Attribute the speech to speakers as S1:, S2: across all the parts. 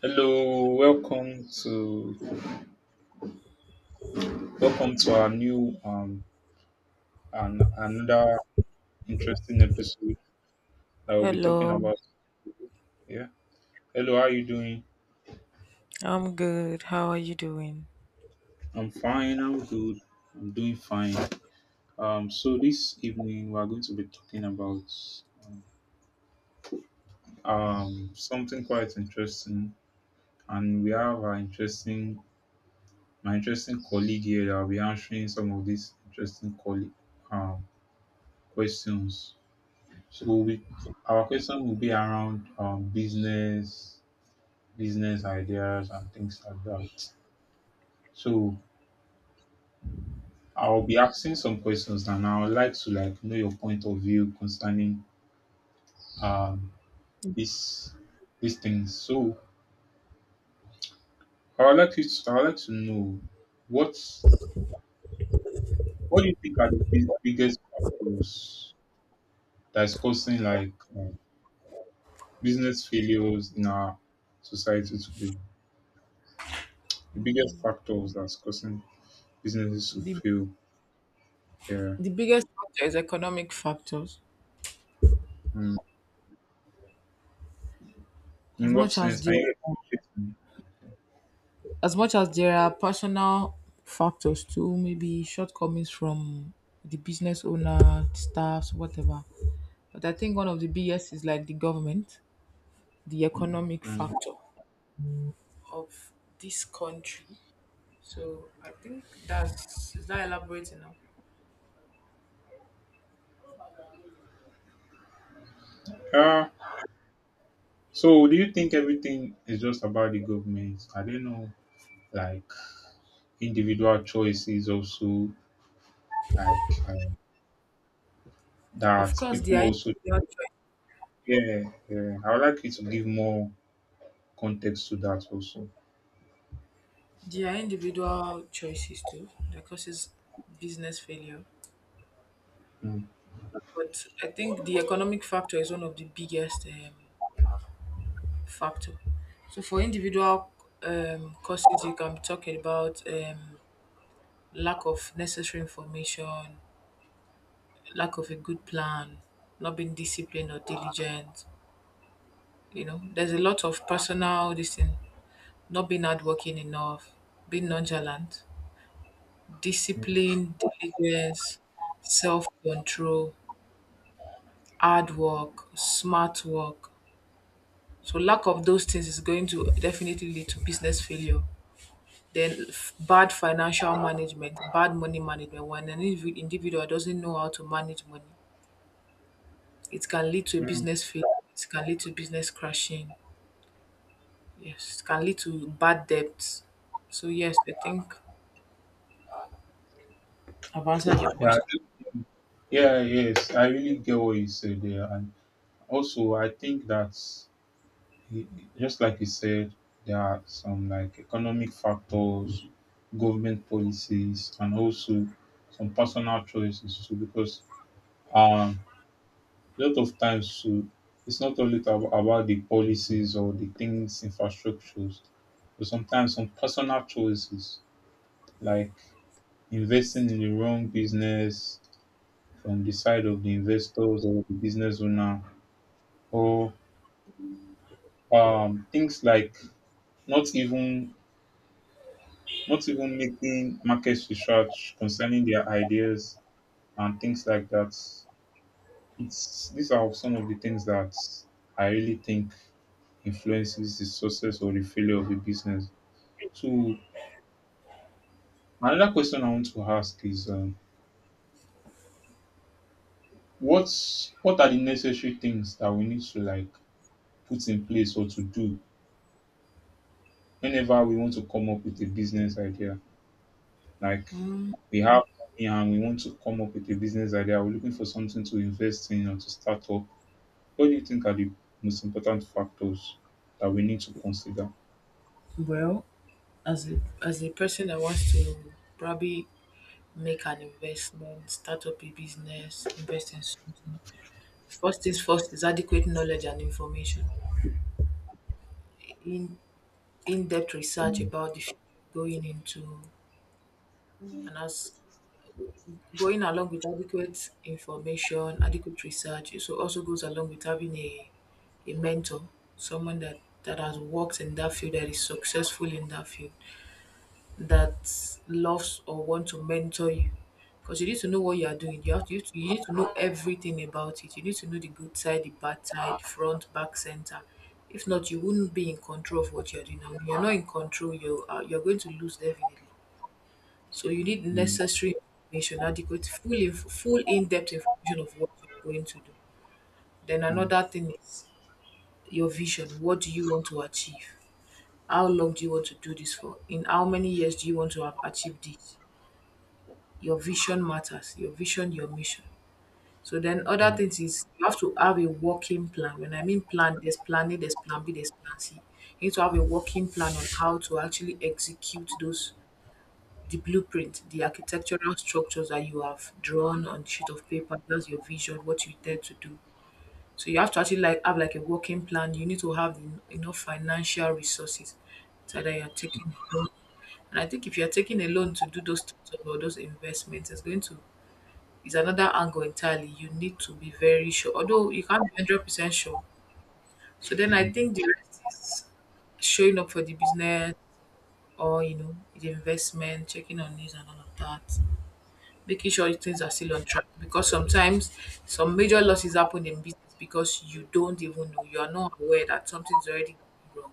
S1: Hello, welcome to our new and another interesting episode that we'll be talking
S2: Hello,
S1: about. Yeah. Hello, how are you doing?
S2: I'm good. How are you doing?
S1: I'm fine. I'm good. I'm doing fine. So this evening we are going to be talking about something quite interesting, and we have our interesting colleague here that will be answering some of these interesting colleague um questions. So we, our question will be around business, business ideas, and things like that. So I'll be asking some questions, and I would like to like know your point of view concerning um this, these things. So I would like to know what what do you think are the biggest factors that's causing like business failures in our society today? The biggest factors that's causing businesses to
S2: the
S1: fail. Yeah.
S2: the biggest factor is economic factors.
S1: Mm. In
S2: as
S1: what
S2: much as
S1: sense? Can
S2: there
S1: you explain
S2: as much as there are personal factors, too, maybe shortcomings from the business owner, staffs, whatever. But I think one of the biggest is, like, the government, the economic
S1: it to me? Mm.
S2: factor of this country. So I think that's is that elaborate enough?
S1: Uh, so do you think everything is just about the government? I don't know, like individual choices also, like
S2: Of
S1: that
S2: course,
S1: people also. Yeah, yeah. I would like you to give more context to that also.
S2: there are individual choices too that causes business failure,
S1: Mm.
S2: but I think the economic factor is one of the biggest factor. So for individual causes, you can talk about lack of necessary information, lack of a good plan, not being disciplined or diligent. You know, there's a lot of personal this thing, not being hardworking enough, being nonchalant, discipline, diligence, self control, hard work, smart work. So lack of those things is going to definitely lead to business failure. Then bad financial management, bad money management. When an individual doesn't know how to manage money, it can lead to a
S1: Mm.
S2: business failure. It can lead to business crashing. Yes, it can lead to bad debts. So yes, I think I've answered your
S1: Yeah,
S2: question.
S1: yeah, yes. I really get what you said there, and also I think that just like you said, there are some like economic factors, government policies, and also some personal choices too. Because um, a lot of times too, it's not only about the policies or the things, infrastructures, but sometimes some personal choices like investing in the wrong business from the side of the investors or the business owner, or things like not even not even making market research concerning their ideas and things like that. It's these are some of the things that I really think influences the success or the failure of a business. So another question I want to ask is what are the necessary things that we need to like put in place or to do whenever we want to come up with a business idea? Like we have money and we want to come up with a business idea, we're looking for something to invest in or to start up. What do you think are the most important factors that we need to consider?
S2: Well, as a person that wants to probably make an investment, start up a business, invest in something. First things first is adequate knowledge and information. In in-depth research about the field going into, and as going along with adequate information, adequate research, so also goes along with having a mentor, someone that has worked in that field, that is successful in that field, that loves or want to mentor you, because you need to know what you are doing. You have to, you need to know everything about it. You need to know the good side, the bad side, front, back, center. If not, you wouldn't be in control of what you're doing. And when you're not in control, you're going to lose definitely. So you need
S1: Mm,
S2: necessary information, adequate, full, full in-depth information of what you're going to do. Then
S1: mm,
S2: another thing is your vision. What do you want to achieve? How long do you want to do this for? In how many years do you want to have achieved this? Your vision matters, your vision, your mission. So then other
S1: mm,
S2: things is you have to have a working plan. When I mean plan, there's plan A, there's plan B, there's plan C. You need to have a working plan on how to actually execute those, the blueprint, the architectural structures that you have drawn on sheet of paper. That's your vision, what you intend to do. So you have to actually like have like a working plan. You need to have enough financial resources so that you're taking a loan. And I think if you're taking a loan to do those things or those investments, it's going to is another angle entirely. You need to be very sure, although you can't be 100% sure. So then I think the rest is showing up for the business or, the investment, checking on this and all of that, making sure things are still on track. Because sometimes some major losses happen in business because you don't even know, you are not aware that something's already gone wrong.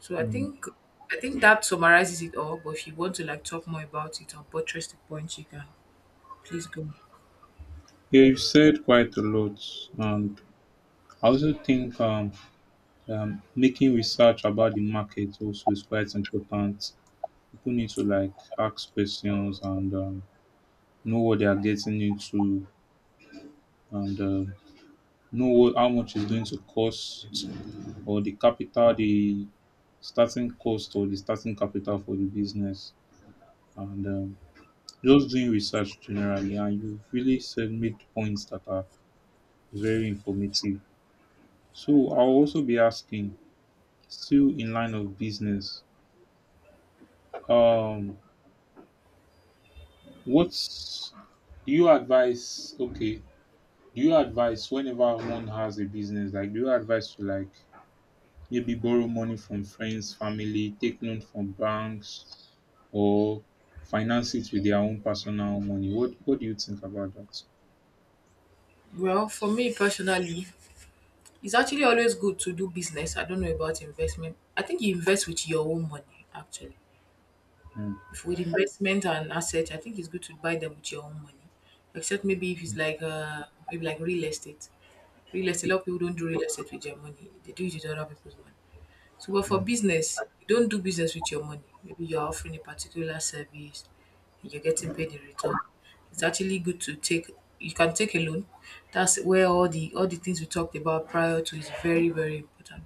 S2: So I
S1: mm.
S2: think. I think that summarizes it all, but if you want to like talk more about it or buttress the point, you can please go.
S1: Yeah, you've said quite a lot, and I also think making research about the market also is quite important. People need to like ask questions and know what they are getting into, and how much is going to cost, or the capital, the starting cost, or the starting capital for the business, and just doing research generally, and you've really said made points that are very informative. So I'll also be asking, still in line of business, um, what's do you advise? Okay, do you advise whenever one has a business, like do you advise to like maybe borrow money from friends, family, take loan from banks, or finance it with their own personal money? What do you think about that?
S2: Well, for me personally, it's actually always good to do business. I don't know about investment. I think you invest with your own money, actually. If with investment and asset, I think it's good to buy them with your own money. Except maybe if it's like maybe like real estate. Real estate, a lot of people don't do real estate with their money. They do it with other people's money. So, but for business, you don't do business with your money. Maybe you're offering a particular service and you're getting paid in return. It's actually good to take You can take a loan. That's where all the things we talked about prior to is very, very important.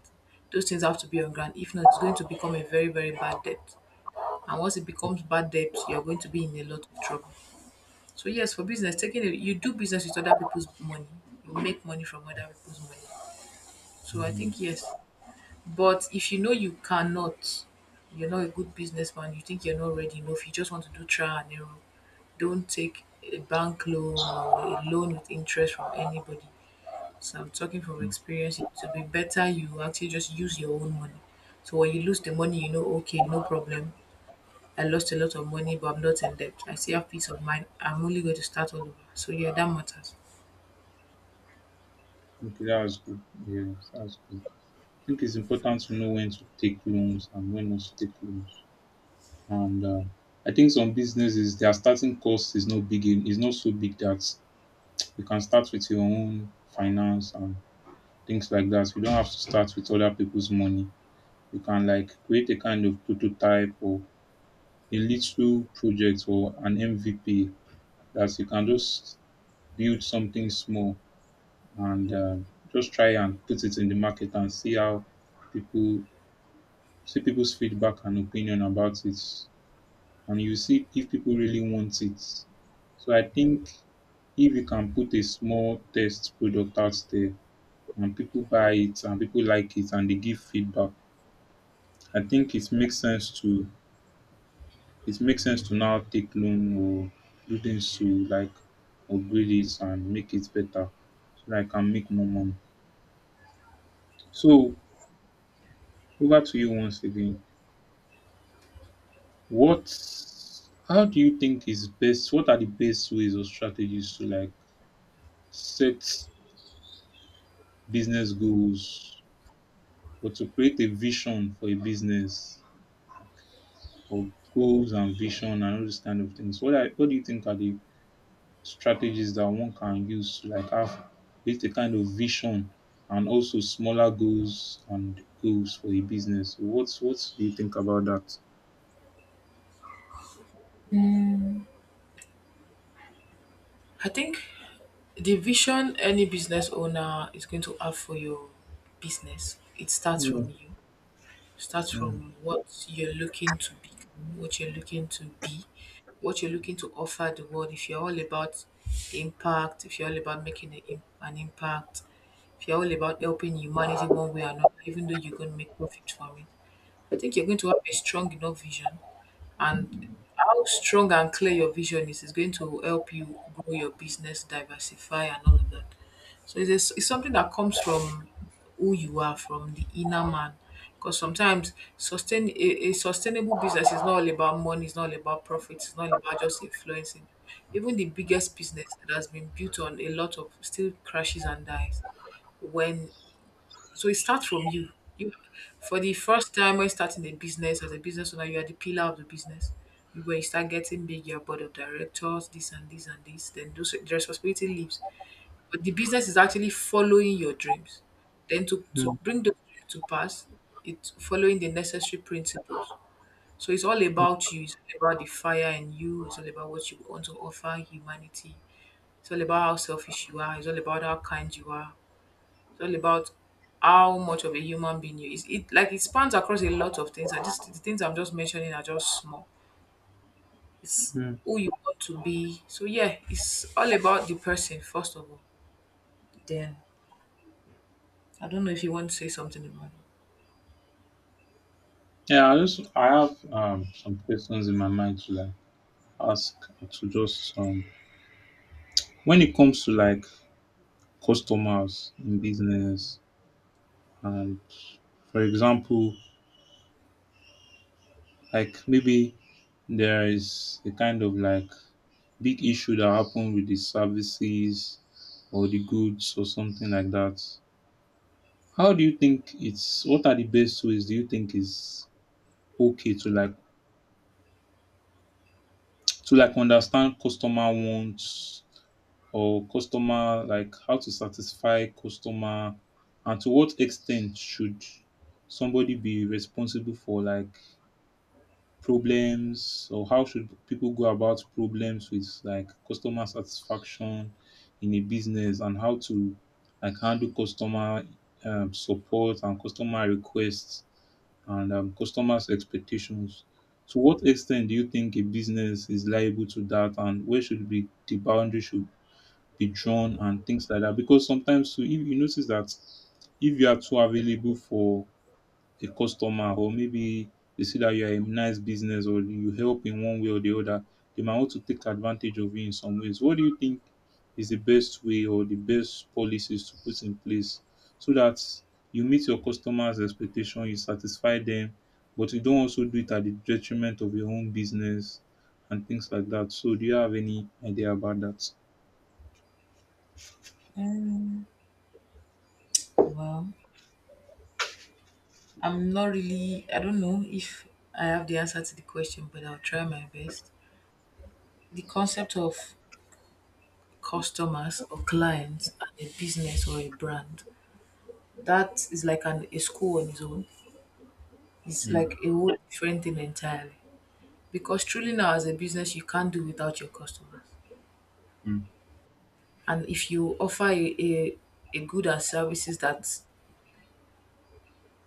S2: Those things have to be on ground. If not, it's going to become a very, very bad debt. And once it becomes bad debt, you're going to be in a lot of trouble. So yes, for business, you do business with other people's money. You make money from other people's money. So I
S1: Mm.
S2: think yes, but if you know you cannot, you're not a good businessman, you think you're not ready enough, you just want to do trial and error, don't take a bank loan or a loan with interest from anybody. So I'm talking from experience. It would be better you actually just use your own money. So when you lose the money, you know, okay, no problem. I lost a lot of money, but I'm not in debt. I still have peace of mind. I'm only going to start all over. So yeah, that matters.
S1: Okay, that's good. Yeah, that's good. I think it's important to know when to take loans and when not to take loans. And I think some businesses their starting cost is not big. Is not so big that you can start with your own finance and things like that. You don't have to start with other people's money. You can like create a kind of prototype or a little project or an MVP that you can just build something small and just try and put it in the market and see how people see people's feedback and opinion about it, and you see if people really want it. So I think if you can put a small test product out there and people buy it and people like it and they give feedback, I think it makes sense to now take loan or do things to like upgrade it and make it better so that I can make more money. So over to you once again. What how do you think is best? What are the best ways or strategies to like set business goals or to create a vision for a business or goals and vision and all these kind of things? What do you think are the strategies that one can use to like have create a kind of vision and also smaller goals and goals for a business? What do you think about that?
S2: I think the vision any business owner is going to have for your business, it starts from you. Starts from what you're looking to be, what you're looking to offer the world. If you're all about impact, if you're all about making an an impact, if you're all about helping humanity one way or another, even though you're going to make profit from it, I think you're going to have a strong enough vision. And how strong and clear your vision is going to help you grow your business, diversify, and all of that. So it's, a s it's something that comes from who you are, from the inner man. Because sometimes a sustainable business is not all about money, it's not all about profit, it's not about just influencing. Even the biggest business that has been built on a lot of still crashes and dies. When So it starts from you. You for the first time when starting a business as a business owner, you are the pillar of the business. You When you start getting big, your board of directors, this and this and this, then those the responsibility leaves, but the business is actually following your dreams. Then to bring those dreams to pass, it's following the necessary principles. So it's all about you. It's all about the fire in you. It's all about what you want to offer humanity. It's all about how selfish you are. It's all about how kind you are. It's all about how much of a human being you is. It spans across a lot of things. I just The things I'm just mentioning are just small. It's
S1: Hmm.
S2: who you want to be. So yeah, it's all about the person first of all. Then I don't know if you want to say something about.
S1: Yeah, I have some questions in my mind to like ask to just when it comes to like customers in business and, for example, like maybe there is a kind of like big issue that happened with the services or the goods or something like that, how do you think it's what are the best ways do you think is okay to like to like understand customer wants or customer like how to satisfy customer and to what extent should somebody be responsible for like problems or how should people go about problems with like customer satisfaction in a business and how to like handle customer support and customer requests and customers expectations to what extent do you think a business is liable to that and where should be the boundary should be drawn and things like that? Because sometimes too, if you notice that if you are too available for a customer or maybe they see that you are a nice business or you help in one way or the other, they might want to take advantage of you in some ways. What do you think is the best way or the best policies to put in place so that you meet your customers' expectation, you satisfy them, but you don't also do it at the detriment of your own business and things like that. So do you have any idea about that?
S2: It. Well, I'm not really, I don't know if I have the answer to the question, but I'll try my best. The concept of customers or clients and a business or a brand, that is like a school on its own. It's
S1: Mm,
S2: like a whole different thing entirely. Because truly now, as a business, you can't do without your customers.
S1: mm,
S2: And if you offer a good and services that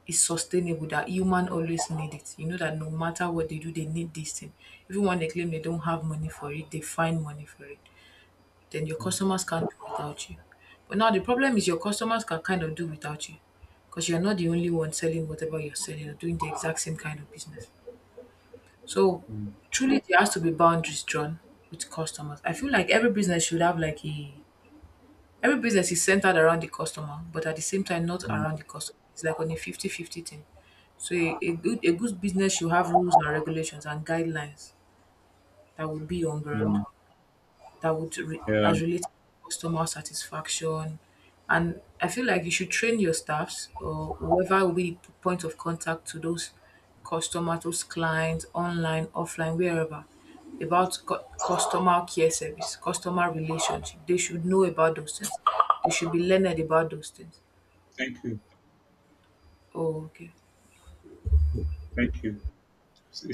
S2: is sustainable that human always need it. You know that no matter what they do, they need this thing. Even when they claim they don't have money for it, they find money for it. Then your
S1: mm.
S2: customers can't do without you. But now the problem is your customers can kind of do without you because you're not the only one selling whatever you're selling or doing the exact same kind of business. So
S1: Mm,
S2: truly there has to be boundaries drawn with customers. I feel like every business should have like a every business is centered around the customer, but at the same time, not
S1: mm,
S2: around the customer. It's like on a 50-50 thing. So a good business should have rules and regulations and guidelines that will be on ground
S1: mm.
S2: that would
S1: Yeah.
S2: as related to customer satisfaction. And I feel like you should train your staffs or whoever will be the point of contact to those customers, those clients, online, offline, wherever, about customer care service, customer relationship. They should know about those things. They should be learned about those things.
S1: Thank you.
S2: Oh, okay.
S1: Thank you. It's